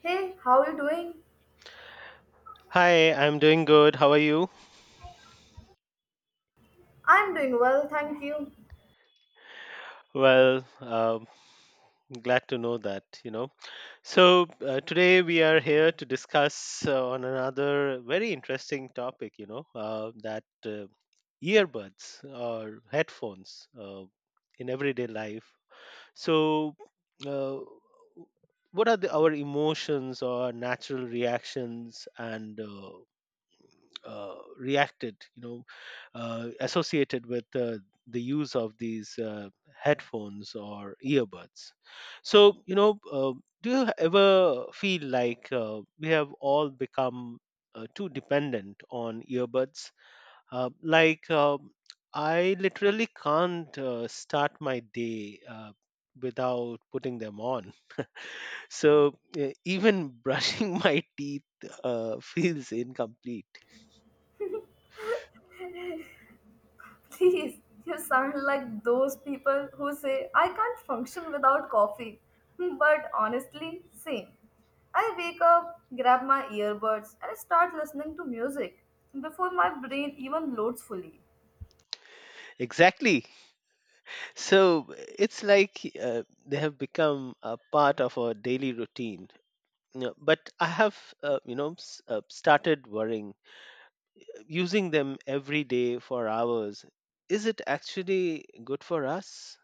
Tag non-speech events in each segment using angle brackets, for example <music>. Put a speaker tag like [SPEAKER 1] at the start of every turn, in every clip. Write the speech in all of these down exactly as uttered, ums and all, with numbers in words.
[SPEAKER 1] Hey, how are you doing?
[SPEAKER 2] Hi, I'm doing good. How are you?
[SPEAKER 1] I'm doing well, thank you.
[SPEAKER 2] Well, um, Glad to know that, you know. So, uh, today we are here to discuss uh, on another very interesting topic, you know, uh, that uh, earbuds or headphones uh, in everyday life. So, uh, what are the, our emotions or natural reactions and uh, uh, reacted, you know, uh, associated with uh, the use of these uh, headphones or earbuds. So, you know, uh, do you ever feel like uh, we have all become uh, too dependent on earbuds? Uh, like, um I literally can't uh, start my day uh, without putting them on. <laughs> So, uh, even brushing <laughs> my teeth uh, feels incomplete.
[SPEAKER 1] <laughs> Please, you sound like those people who say I can't function without coffee. Hmm, but honestly, same. I wake up, grab my earbuds, and I start listening to music before my brain even loads fully.
[SPEAKER 2] Exactly. So it's like uh, they have become a part of our daily routine. You know, but I have, uh, you know, s- uh, started worrying. Using them every day for hours, is it actually good for us?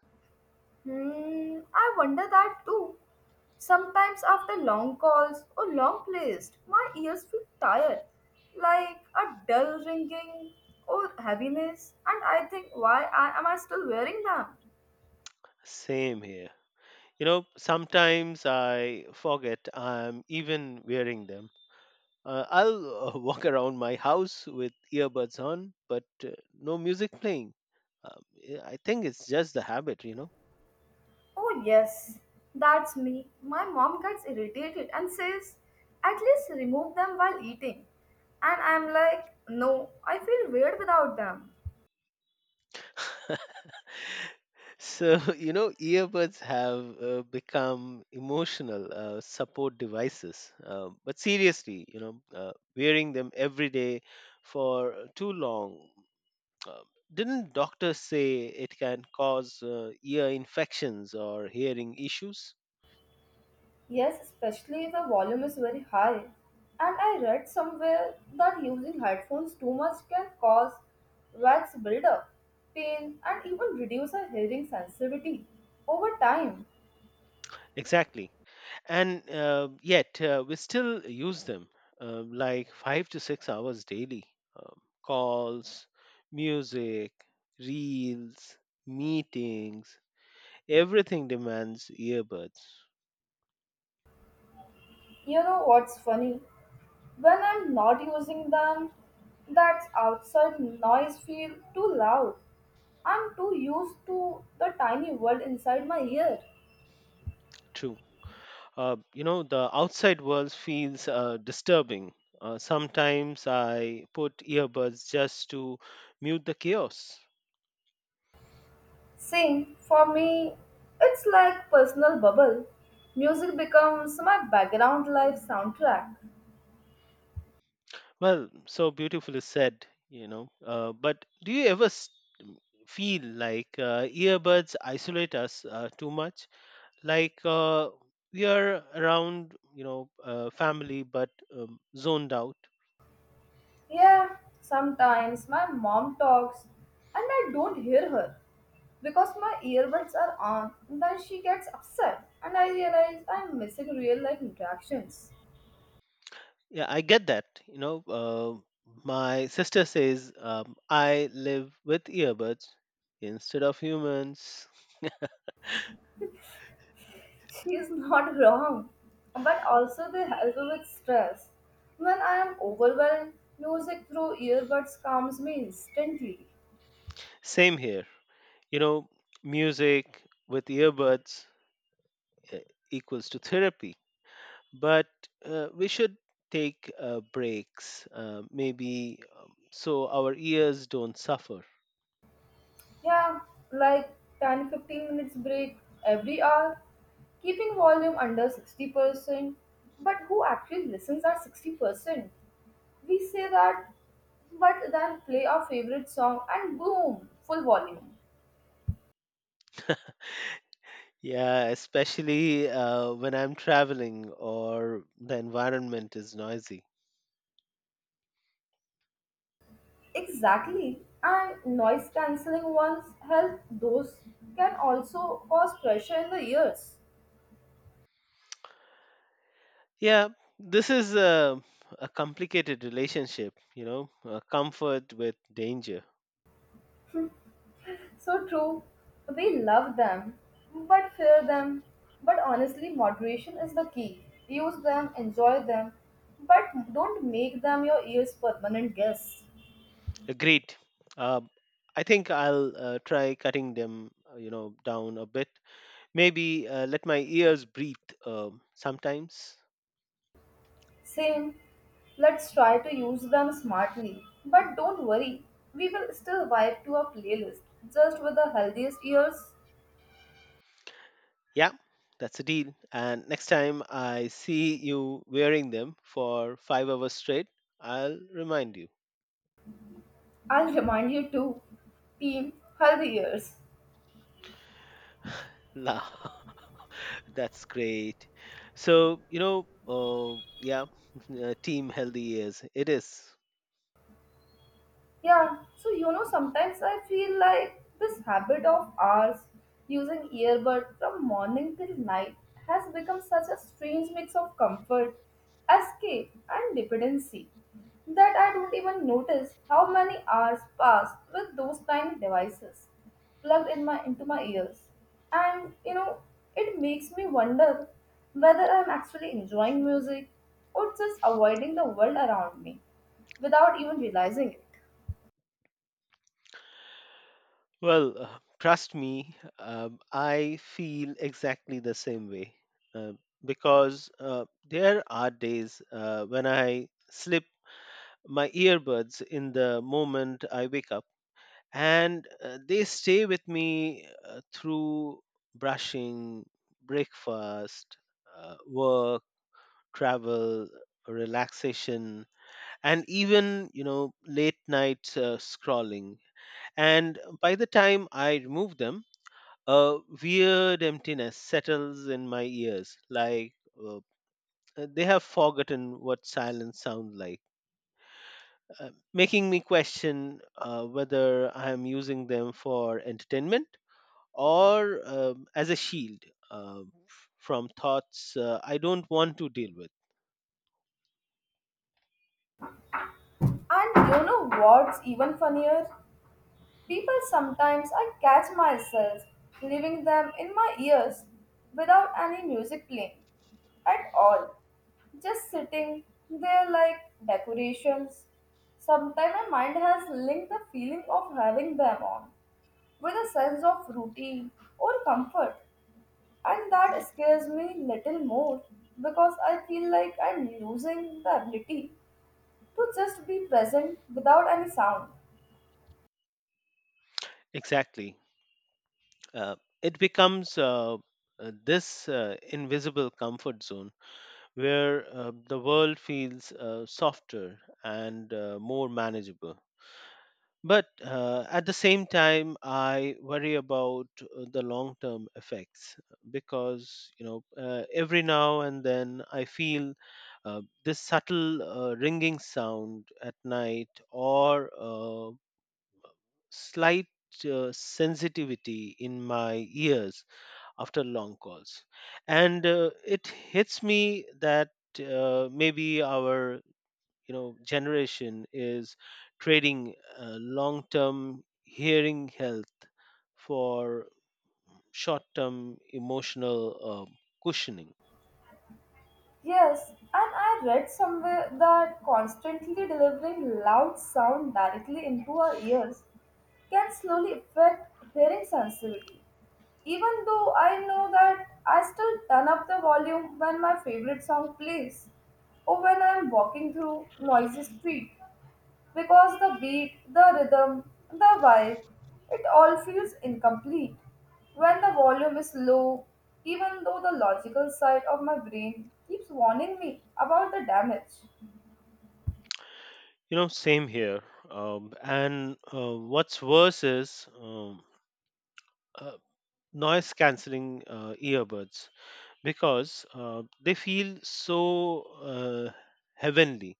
[SPEAKER 1] Hmm, I wonder that too. Sometimes after long calls or long plays, my ears feel tired, like a dull ringing or heaviness, and I think, why I, am I still wearing them?
[SPEAKER 2] Same here. You know, sometimes I forget I'm even wearing them. Uh, I'll uh, <laughs> walk around my house with earbuds on, but uh, no music playing. Um, yeah, I think it's just the habit, you know.
[SPEAKER 1] Oh, yes, that's me. My mom gets irritated and says, at least remove them while eating. And I'm like, no, I feel weird without them.
[SPEAKER 2] <laughs> So, <laughs> you know, earbuds have uh, become emotional uh, support devices. Uh, but seriously, you know, uh, wearing them every day for too long, uh, didn't doctors say it can cause uh, ear infections or hearing issues?
[SPEAKER 1] Yes, especially if the volume is very high. And I read somewhere that using headphones too much can cause wax buildup, pain, and even reduce our hearing sensitivity over time.
[SPEAKER 2] Exactly. And uh, yet, uh, we still use them uh, like five to six hours daily. Um, Calls, music, reels, meetings, everything demands earbuds.
[SPEAKER 1] You know what's funny? When I'm not using them, that outside noise feel too loud. I'm too used to the tiny world inside my ear.
[SPEAKER 2] True. Uh, you know, the outside world feels uh, disturbing. Uh, sometimes I put earbuds just to mute the chaos.
[SPEAKER 1] See, for me, it's like personal bubble. Music becomes my background life soundtrack.
[SPEAKER 2] Well, so beautifully said, you know. Uh, but do you ever s- feel like uh, earbuds isolate us uh, too much? Like uh, we are around, you know, uh, family, but um, zoned out.
[SPEAKER 1] Yeah, sometimes my mom talks and I don't hear her because my earbuds are on. And Then she gets upset and I realize I'm missing real life interactions.
[SPEAKER 2] Yeah, I get that. You know, uh, my sister says um, I live with earbuds instead of humans.
[SPEAKER 1] <laughs> She's not wrong, but also they help with stress. When I am overwhelmed, music through earbuds calms me instantly.
[SPEAKER 2] Same here. You know, music with earbuds uh, equals to therapy. But uh, we should take uh, breaks, uh, maybe um, so our ears don't suffer.
[SPEAKER 1] Yeah, like ten to fifteen minutes break every hour, keeping volume under sixty percent. But who actually listens at sixty percent? We say that, but then play our favorite song and boom, full volume.
[SPEAKER 2] Yeah, especially uh, when I'm traveling or the environment is noisy.
[SPEAKER 1] Exactly. And noise cancelling ones help those can also cause pressure in the ears.
[SPEAKER 2] Yeah, this is a, a complicated relationship, you know, uh, comfort with danger.
[SPEAKER 1] So true. We love them, but fear them. But honestly, moderation is the key. Use them, enjoy them, but don't make them your ears permanent guests.
[SPEAKER 2] Agreed. Uh, I think I'll uh, try cutting them, uh, you know, down a bit. Maybe uh, let my ears breathe um, sometimes.
[SPEAKER 1] Same. Let's try to use them smartly. But don't worry, we will still vibe to our playlist, just with the healthiest ears.
[SPEAKER 2] Yeah, that's a deal. And next time I see you wearing them for five hours straight, I'll remind you.
[SPEAKER 1] I'll <laughs> remind you too. Team Healthy Ears.
[SPEAKER 2] <laughs> La. That's great. So, you know, uh, yeah, <laughs> uh, team healthy is. It is.
[SPEAKER 1] Yeah, so you know, sometimes I feel like this habit of ours using earbud from morning till night has become such a strange mix of comfort, escape, and dependency that I don't even notice how many hours pass with those tiny devices plugged in my into my ears. And you know, it makes me wonder whether I'm actually enjoying music or just avoiding the world around me without even realizing it.
[SPEAKER 2] Well, uh, trust me, um, I feel exactly the same way uh, because uh, there are days uh, when I slip my earbuds in the moment I wake up and uh, they stay with me uh, through brushing, breakfast, uh, work, travel, relaxation, and even, you know, late night uh, scrolling, and by the time I remove them, a weird emptiness settles in my ears like uh, they have forgotten what silence sounds like, uh, making me question uh, whether I am using them for entertainment or, um, as a shield, uh, f- from thoughts uh, I don't want to deal with.
[SPEAKER 1] And you know what's even funnier? People sometimes I catch myself leaving them in my ears without any music playing at all. Just sitting there like decorations. Sometimes my mind has linked the feeling of having them on with a sense of routine or comfort, and that scares me little more because I feel like I'm losing the ability to just be present without any sound.
[SPEAKER 2] Exactly. Uh, it becomes uh, uh, this uh, invisible comfort zone where uh, the world feels uh, softer and uh, more manageable. But uh, at the same time, I worry about uh, the long term effects because, you know, uh, every now and then I feel uh, this subtle uh, ringing sound at night or uh, slight uh, sensitivity in my ears after long calls, and uh, it hits me that uh, maybe our, you know, generation is trading uh, long term hearing health for short term emotional uh, cushioning.
[SPEAKER 1] Yes, and I read somewhere that constantly delivering loud sound directly into our ears can slowly affect hearing sensitivity. Even though I know that, I still turn up the volume when my favorite song plays or when I am walking through noisy street because the beat, the rhythm, the vibe, it all feels incomplete. When the volume is low, even though the logical side of my brain keeps warning me about the damage.
[SPEAKER 2] You know, same here. Um, and uh, what's worse is, um, uh, noise cancelling uh, earbuds, because uh, they feel so uh, heavenly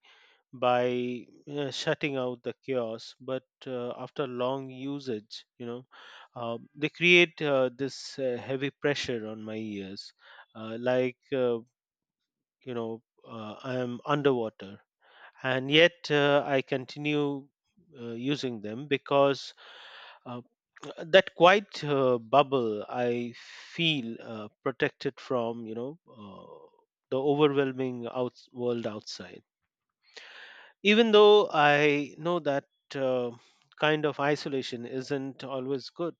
[SPEAKER 2] by uh, shutting out the chaos, but uh, after long usage, you know, um, they create uh, this uh, heavy pressure on my ears, uh, like uh, you know uh, I am underwater, and yet uh, I continue uh, using them because uh, that quiet uh, bubble I feel uh, protected from, you know, uh, the overwhelming out- world outside, even though I know that uh, kind of isolation isn't always good.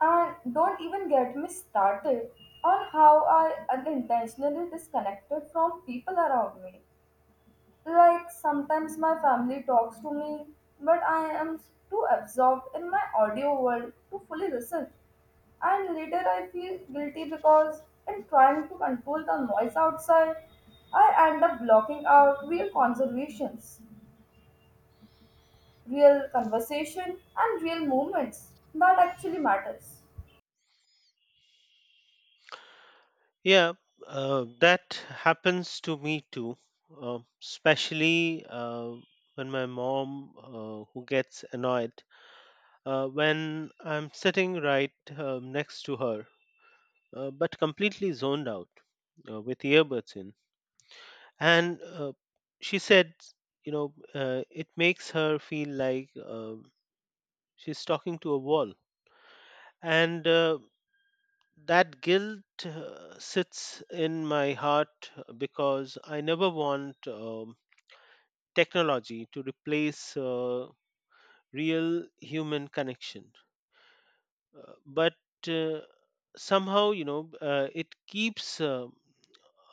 [SPEAKER 1] And don't even get me started on how I unintentionally disconnected from people around me. Like sometimes my family talks to me, but I am too absorbed in my audio world to fully listen. And later I feel guilty because in trying to control the noise outside, I end up blocking out real conversations, real conversation and real moments that actually matters.
[SPEAKER 2] Yeah, uh, that happens to me too, uh, especially uh, when my mom, uh, who gets annoyed uh, when I'm sitting right um, next to her, uh, but completely zoned out uh, with earbuds in. And uh, she said, you know, uh, it makes her feel like um she's talking to a wall. And uh, That guilt uh, sits in my heart because I never want um, technology to replace uh, real human connection. Uh, but uh, somehow, you know, uh, it keeps uh,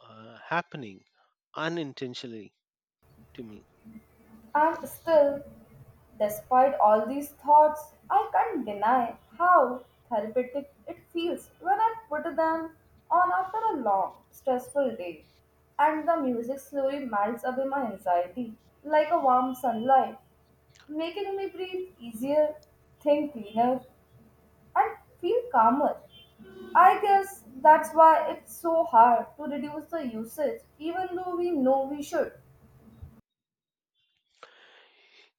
[SPEAKER 2] uh, happening unintentionally to me.
[SPEAKER 1] And still, despite all these thoughts, I can't deny how therapeutic it feels when I put them on after a long, stressful day, and the music slowly melts away my anxiety like a warm sunlight, making me breathe easier, think cleaner, and feel calmer. I guess that's why it's so hard to reduce the usage, even though we know we should.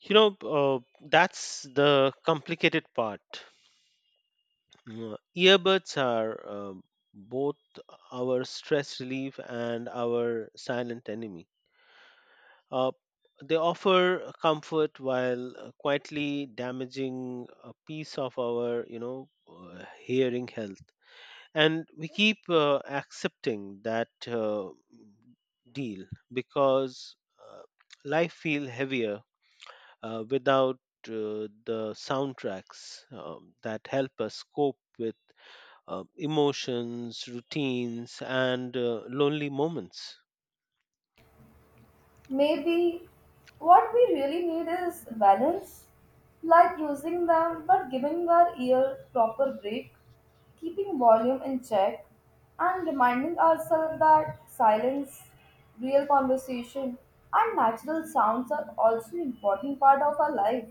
[SPEAKER 2] You know, uh, that's the complicated part. Mm, earbuds are uh, both our stress relief and our silent enemy. Uh, they offer comfort while uh, quietly damaging a piece of our, you know, uh, hearing health. And we keep uh, accepting that uh, deal because uh, life feel heavier uh, without uh, the soundtracks um, that help us cope with uh, emotions, routines, and uh, lonely moments.
[SPEAKER 1] Maybe what we really need is balance, like using them but giving our ear proper break, keeping volume in check, and reminding ourselves that silence, real conversation, and natural sounds are also important part of our life.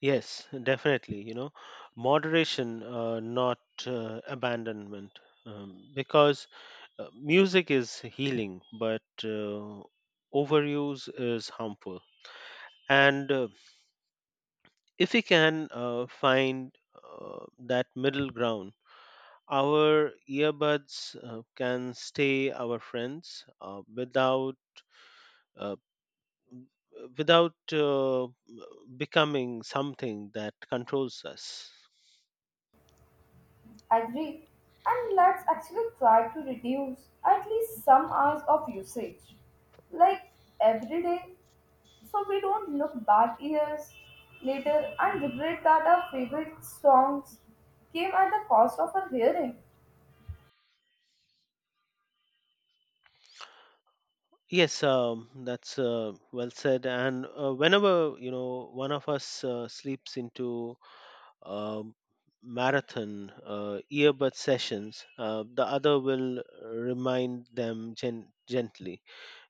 [SPEAKER 2] Yes, definitely. You know, moderation, uh, not uh, abandonment, um, because uh, music is healing, but uh, overuse is harmful. And uh, if we can uh, find uh, that middle ground, our earbuds uh, can stay our friends uh, without uh, without uh, becoming something that controls us.
[SPEAKER 1] Agree, and let's actually try to reduce at least some hours of usage, like every day, so we don't look back years later and regret that our favorite songs came at the cost of our hearing.
[SPEAKER 2] Yes, um, that's uh, well said. And uh, whenever, you know, one of us uh, sleeps into um marathon uh, earbud sessions, uh, the other will remind them gen- gently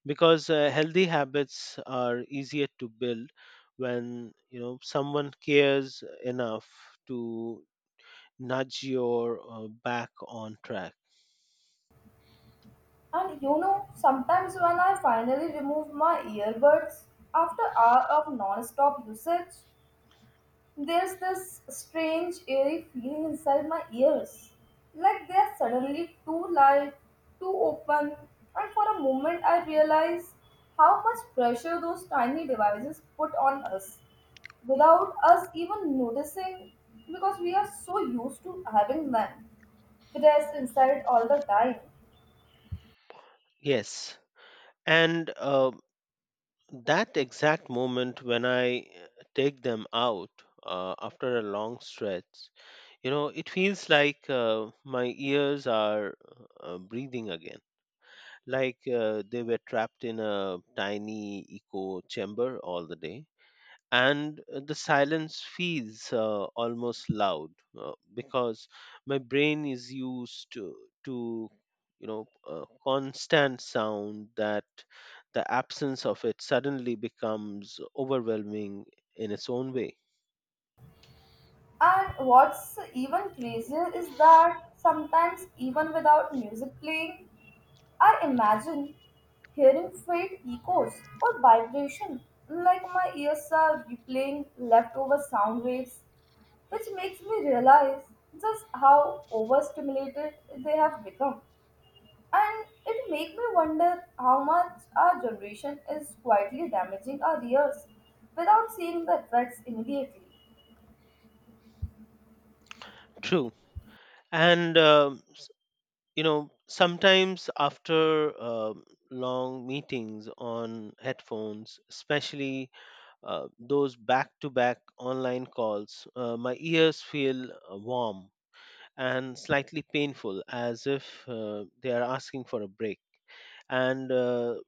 [SPEAKER 2] because uh, healthy habits are easier to build when you know someone cares enough to nudge your uh, back on track.
[SPEAKER 1] And you know, sometimes when I finally remove my earbuds after hour of non-stop usage, there's this strange eerie feeling inside my ears, like they're suddenly too light, too open, and for a moment I realize how much pressure those tiny devices put on us without us even noticing because we are so used to having them pressed inside all the time.
[SPEAKER 2] Yes, and uh, that exact moment when I uh, take them out uh, after a long stretch, you know, it feels like uh, my ears are uh, breathing again, like uh, they were trapped in a tiny echo chamber all the day, and uh, the silence feels uh, almost loud uh, because my brain is used to, to you know uh, constant sound, that the absence of it suddenly becomes overwhelming in its own way.
[SPEAKER 1] And what's even crazier is that sometimes, even without music playing, I imagine hearing faint echoes or vibration, like my ears are replaying leftover sound waves, which makes me realize just how overstimulated they have become. And it makes me wonder how much our generation is quietly damaging our ears without seeing the effects immediately.
[SPEAKER 2] <laughs> True. And um, s- you know, sometimes after um long meetings on headphones, especially uh, those back to back online calls, uh, my ears feel uh, warm and slightly painful, as if uh, they are asking for a break. And uh,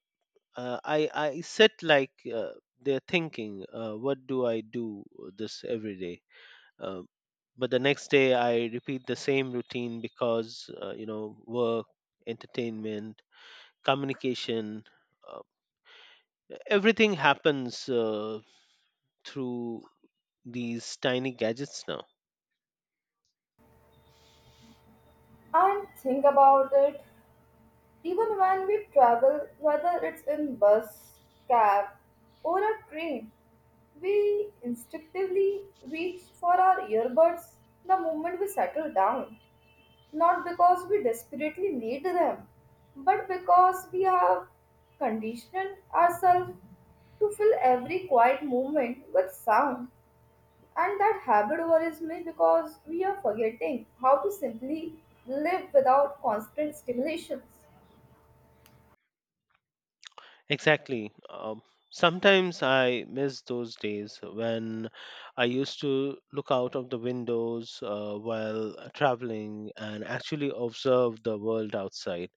[SPEAKER 2] uh, I, I sit like uh, they're thinking, uh, what do I do this every day? Uh, but the next day I repeat the same routine because, uh, you know, work, entertainment, communication, uh, everything happens uh, through these tiny gadgets now.
[SPEAKER 1] And think about it, even when we travel, whether it's in bus, cab, or a train, we instinctively reach for our earbuds the moment we settle down, not because we desperately need them, but because we have conditioned ourselves to fill every quiet moment with sound. And that habit worries me because we are forgetting how to simply live without constant stimulations.
[SPEAKER 2] Exactly. Um, sometimes I miss those days when I used to look out of the windows uh, while traveling and actually observe the world outside.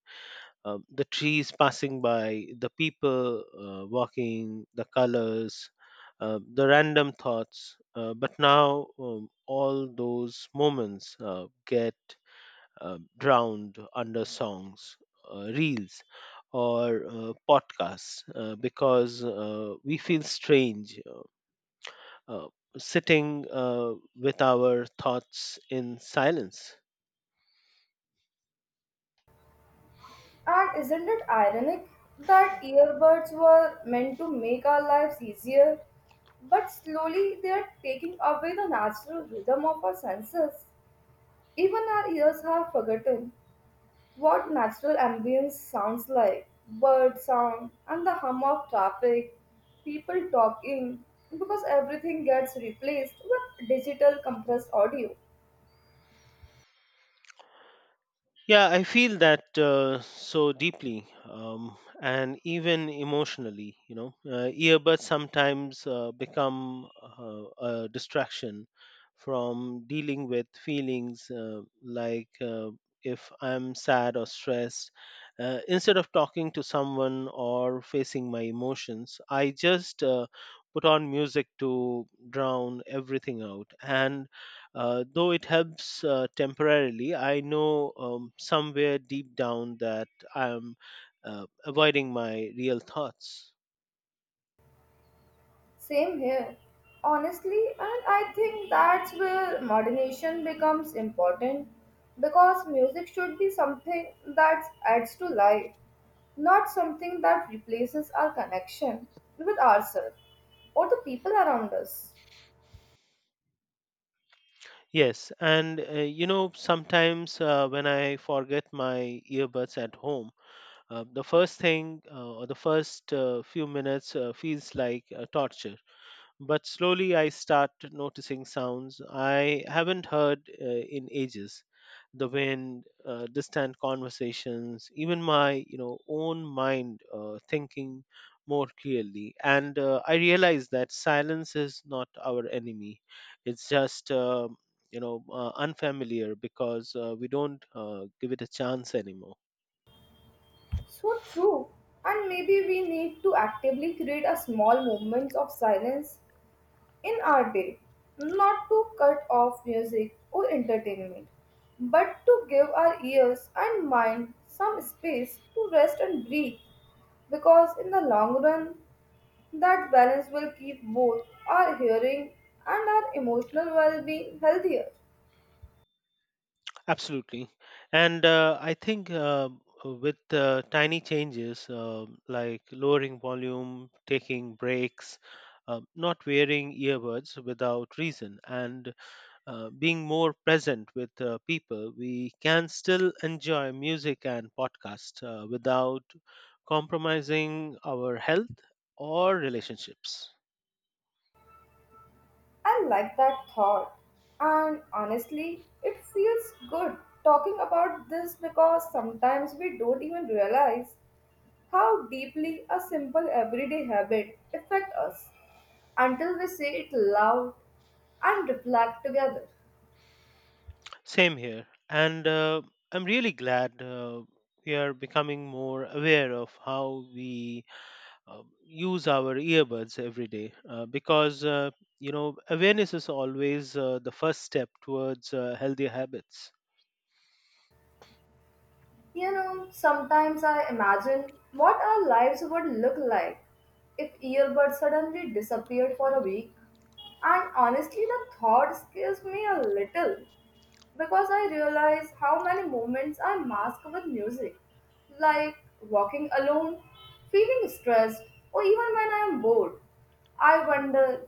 [SPEAKER 2] Um, the trees passing by, the people uh, walking, the colors, uh, the random thoughts. Uh, but now um, all those moments uh, get uh, drowned under songs, uh, reels, or uh, podcasts, uh, because uh, we feel strange uh, sitting uh, with our thoughts in silence.
[SPEAKER 1] And isn't it ironic that earbuds were meant to make our lives easier, but slowly they are taking away the natural rhythm of our senses? Even our ears have forgotten what natural ambience sounds like bird sound and the hum of traffic, people talking, because everything gets replaced with digital compressed audio.
[SPEAKER 2] Yeah, I feel that uh, so deeply, um, and even emotionally. You know, uh, earbuds sometimes uh, become uh, a distraction from dealing with feelings, uh, like uh, if I'm sad or stressed. Uh, instead of talking to someone or facing my emotions, I just uh, put on music to drown everything out. And uh, though it helps uh, temporarily, I know, um, somewhere deep down, that I am uh, avoiding my real thoughts.
[SPEAKER 1] Same here, honestly, and I think that's where modernation becomes important because music should be something that adds to life, not something that replaces our connection with ourselves or the people around us.
[SPEAKER 2] Yes, and uh, you know, sometimes uh, when I forget my earbuds at home, uh, the first thing uh, or the first uh, few minutes uh, feels like uh, torture. But slowly I start noticing sounds I haven't heard uh, in ages. The wind, uh, distant conversations, even my, you know, own mind uh, thinking more clearly. And uh, I realize that silence is not our enemy; it's just uh, you know uh, unfamiliar, because uh, we don't uh, give it a chance anymore.
[SPEAKER 1] So true, and maybe we need to actively create a small moments of silence in our day, not to cut off music or entertainment, but to give our ears and mind some space to rest and breathe, because in the long run, that balance will keep both our hearing and our emotional well being healthier.
[SPEAKER 2] Absolutely. And uh, I think uh, with uh, tiny changes uh, like lowering volume, taking breaks, uh, not wearing earbuds without reason, and uh, being more present with uh, people, we can still enjoy music and podcasts uh, without compromising our health or relationships.
[SPEAKER 1] I like that thought, and honestly, it feels good talking about this because sometimes we don't even realize how deeply a simple everyday habit affect us until we say it loud and reflect together.
[SPEAKER 2] Same here. And uh, I'm really glad uh, we are becoming more aware of how we uh, use our earbuds every day uh, because, uh, you know, awareness is always uh, the first step towards uh, healthy habits.
[SPEAKER 1] You know, sometimes I imagine what our lives would look like if earbuds suddenly disappeared for a week. And honestly, the thought scares me a little because I realize how many moments I mask with music, like walking alone, feeling stressed, or even when I am bored. I wonder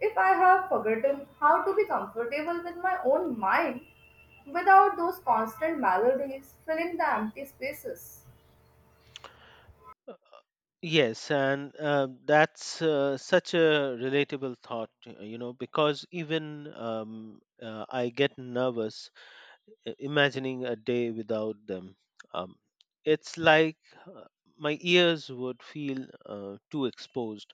[SPEAKER 1] if I have forgotten how to be comfortable with my own mind without those constant melodies filling the empty spaces.
[SPEAKER 2] Yes, and uh, that's uh, such a relatable thought, uh, you know, because even, um, uh, I get nervous i- imagining a day without them. Um, it's like uh, my ears would feel uh, too exposed,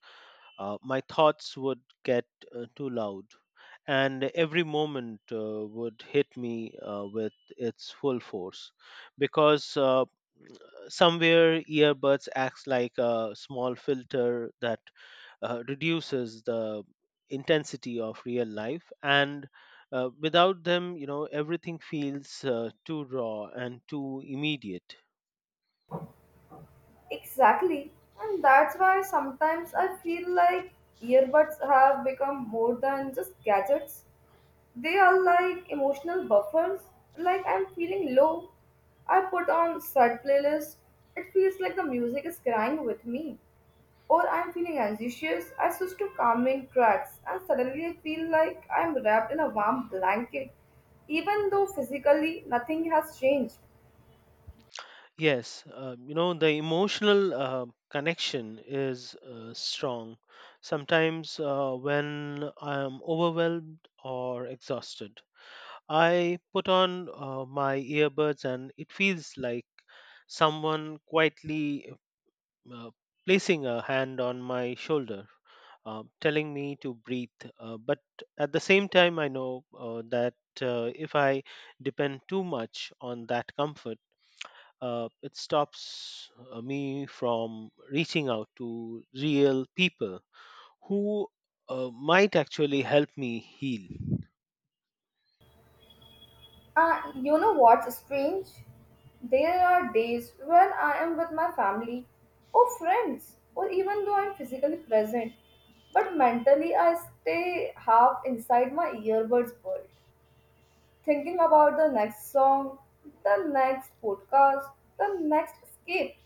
[SPEAKER 2] uh, my thoughts would get uh, too loud, and every moment uh, would hit me uh, with its full force because uh, somewhere earbuds acts like a small filter that uh, reduces the intensity of real life, and uh, without them you know everything feels uh, too raw and too immediate.
[SPEAKER 1] Exactly, and that's why sometimes I feel like earbuds have become more than just gadgets. They are like emotional buffers. Like I'm feeling low, I put on sad playlist. It feels like the music is crying with me. Or I'm feeling anxious, I switch to calming tracks, and suddenly I feel like I'm wrapped in a warm blanket, even though physically nothing has changed.
[SPEAKER 2] Yes, uh, you know the emotional uh, connection is uh, strong. Sometimes uh, when I am overwhelmed or exhausted, I put on uh, my earbuds and it feels like someone quietly uh, placing a hand on my shoulder, uh, telling me to breathe. Uh, but at the same time, I know uh, that uh, if I depend too much on that comfort, uh, it stops uh, me from reaching out to real people who uh, might actually help me heal.
[SPEAKER 1] Uh, you know what's strange? There are days when I am with my family or friends, or even though I'm physically present, but mentally I stay half inside my earbuds world, thinking about the next song, the next podcast, the next escape.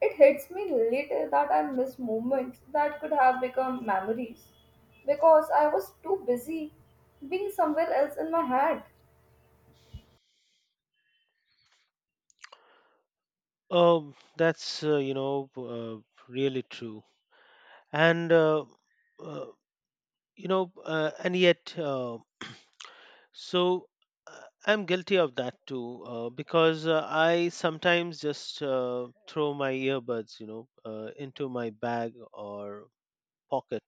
[SPEAKER 1] It hits me later that I miss moments that could have become memories because I was too busy being somewhere else in my head.
[SPEAKER 2] Um, that's uh, you know uh, really true, and uh, uh, you know, uh, and yet. Uh, So uh, I'm guilty of that too, uh, because uh, I sometimes just uh, throw my earbuds, you know, uh, into my bag or pocket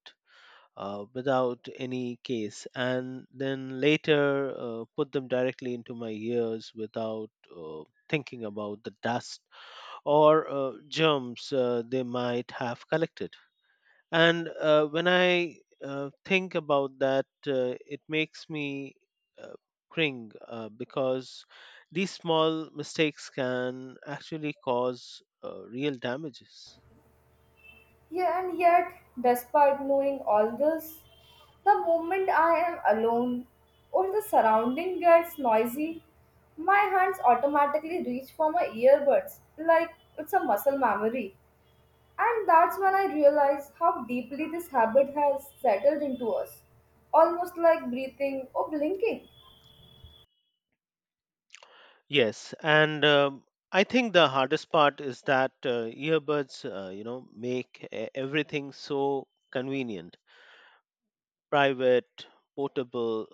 [SPEAKER 2] uh, without any case, and then later uh, put them directly into my ears without uh, thinking about the dust or uh, germs uh, they might have collected. And uh, when I uh, think about that, uh, it makes me uh, cringe uh, because these small mistakes can actually cause uh, real damages.
[SPEAKER 1] Yeah, and yet, despite knowing all this, the moment I am alone or the surrounding gets noisy, my hands automatically reach for my earbuds like it's a muscle memory. And that's when I realize how deeply this habit has settled into us, almost like breathing or blinking.
[SPEAKER 2] Yes, and um, I think the hardest part is that uh, earbuds uh, you know make e- everything so convenient, private, portable,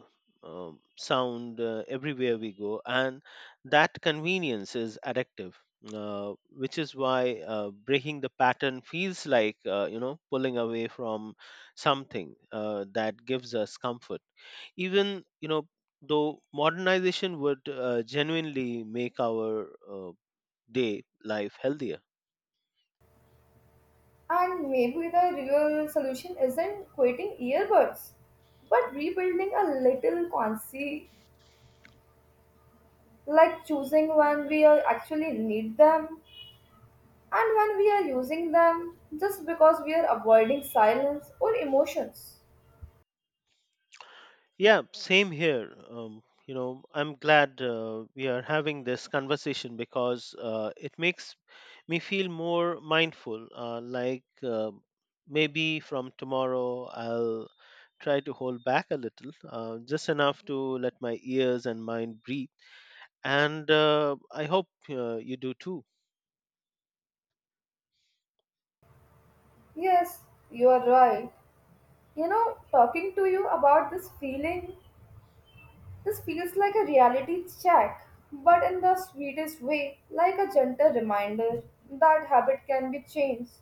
[SPEAKER 2] um, sound uh, everywhere we go, and that convenience is addictive. Uh, which is why uh, breaking the pattern feels like uh, you know pulling away from something uh, that gives us comfort, even you know though modernization would uh, genuinely make our uh, day life healthier.
[SPEAKER 1] And maybe the real solution isn't quitting earbuds, but rebuilding a little consci- like choosing when we are actually need them and when we are using them just because we are avoiding silence or emotions.
[SPEAKER 2] Yeah, same here. Um, you know, I'm glad uh, we are having this conversation because uh, it makes me feel more mindful. Uh, like, uh, maybe from tomorrow, I'll try to hold back a little, uh, just enough to let my ears and mind breathe. And uh, I hope uh, you do too.
[SPEAKER 1] Yes, you are right. You know, talking to you about this feeling, this feels like a reality check, but in the sweetest way, like a gentle reminder that habit can be changed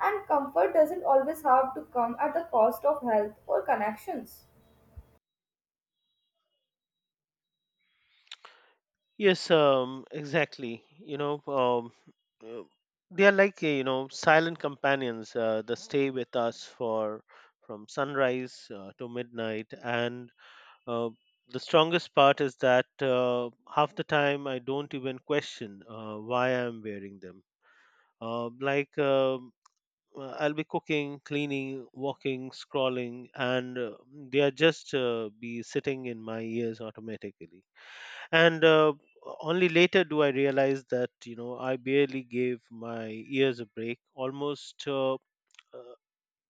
[SPEAKER 1] and comfort doesn't always have to come at the cost of health or connections.
[SPEAKER 2] Yes, um, exactly. You know, um, uh, they are like, uh, you know silent companions uh, that stay with us for, from sunrise uh, to midnight. And uh, the strongest part is that uh, half the time I don't even question uh, why I'm wearing them. Uh, like um, uh, I'll be cooking, cleaning, walking, scrolling, and uh, they are just uh, be sitting in my ears automatically, and uh, only later do I realize that you know I barely gave my ears a break. Almost uh, uh,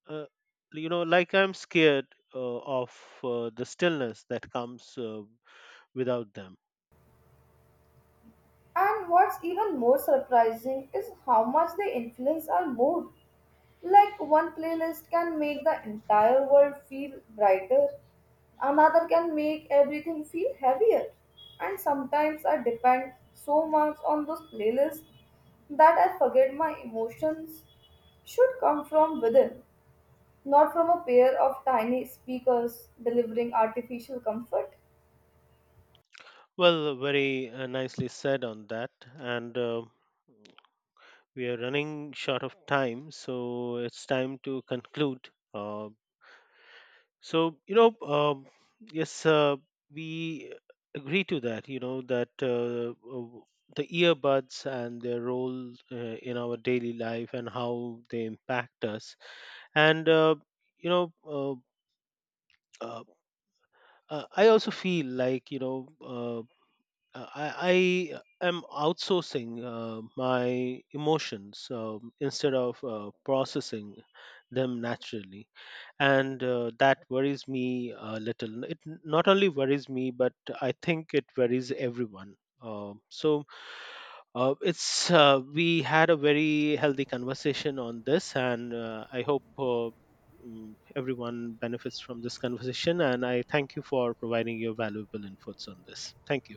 [SPEAKER 2] uh, you know like I'm scared uh, of uh, the stillness that comes uh, without them.
[SPEAKER 1] And what's even more surprising is how much they influence our mood. Like one playlist can make the entire world feel brighter, another can make everything feel heavier. And sometimes I depend so much on those playlists that I forget my emotions should come from within, not from a pair of tiny speakers delivering artificial comfort.
[SPEAKER 2] Well, uh, very uh, nicely said on that. And uh, we are running short of time, so it's time to conclude. Uh, So, you know, um, yes, uh, we agree to that, you know, that uh, uh, the earbuds and their role uh, in our daily life and how they impact us. And, uh, you know, uh, uh, uh, I also feel like, you know, uh, I, I am outsourcing uh, my emotions um, instead of uh, processing them naturally, and uh, that worries me a little. It n- not only worries me, but I think it worries everyone. Uh, so uh, it's uh, we had a very healthy conversation on this, and uh, I hope uh, mm, everyone benefits from this conversation. And I thank you for providing your valuable inputs on this. Thank you.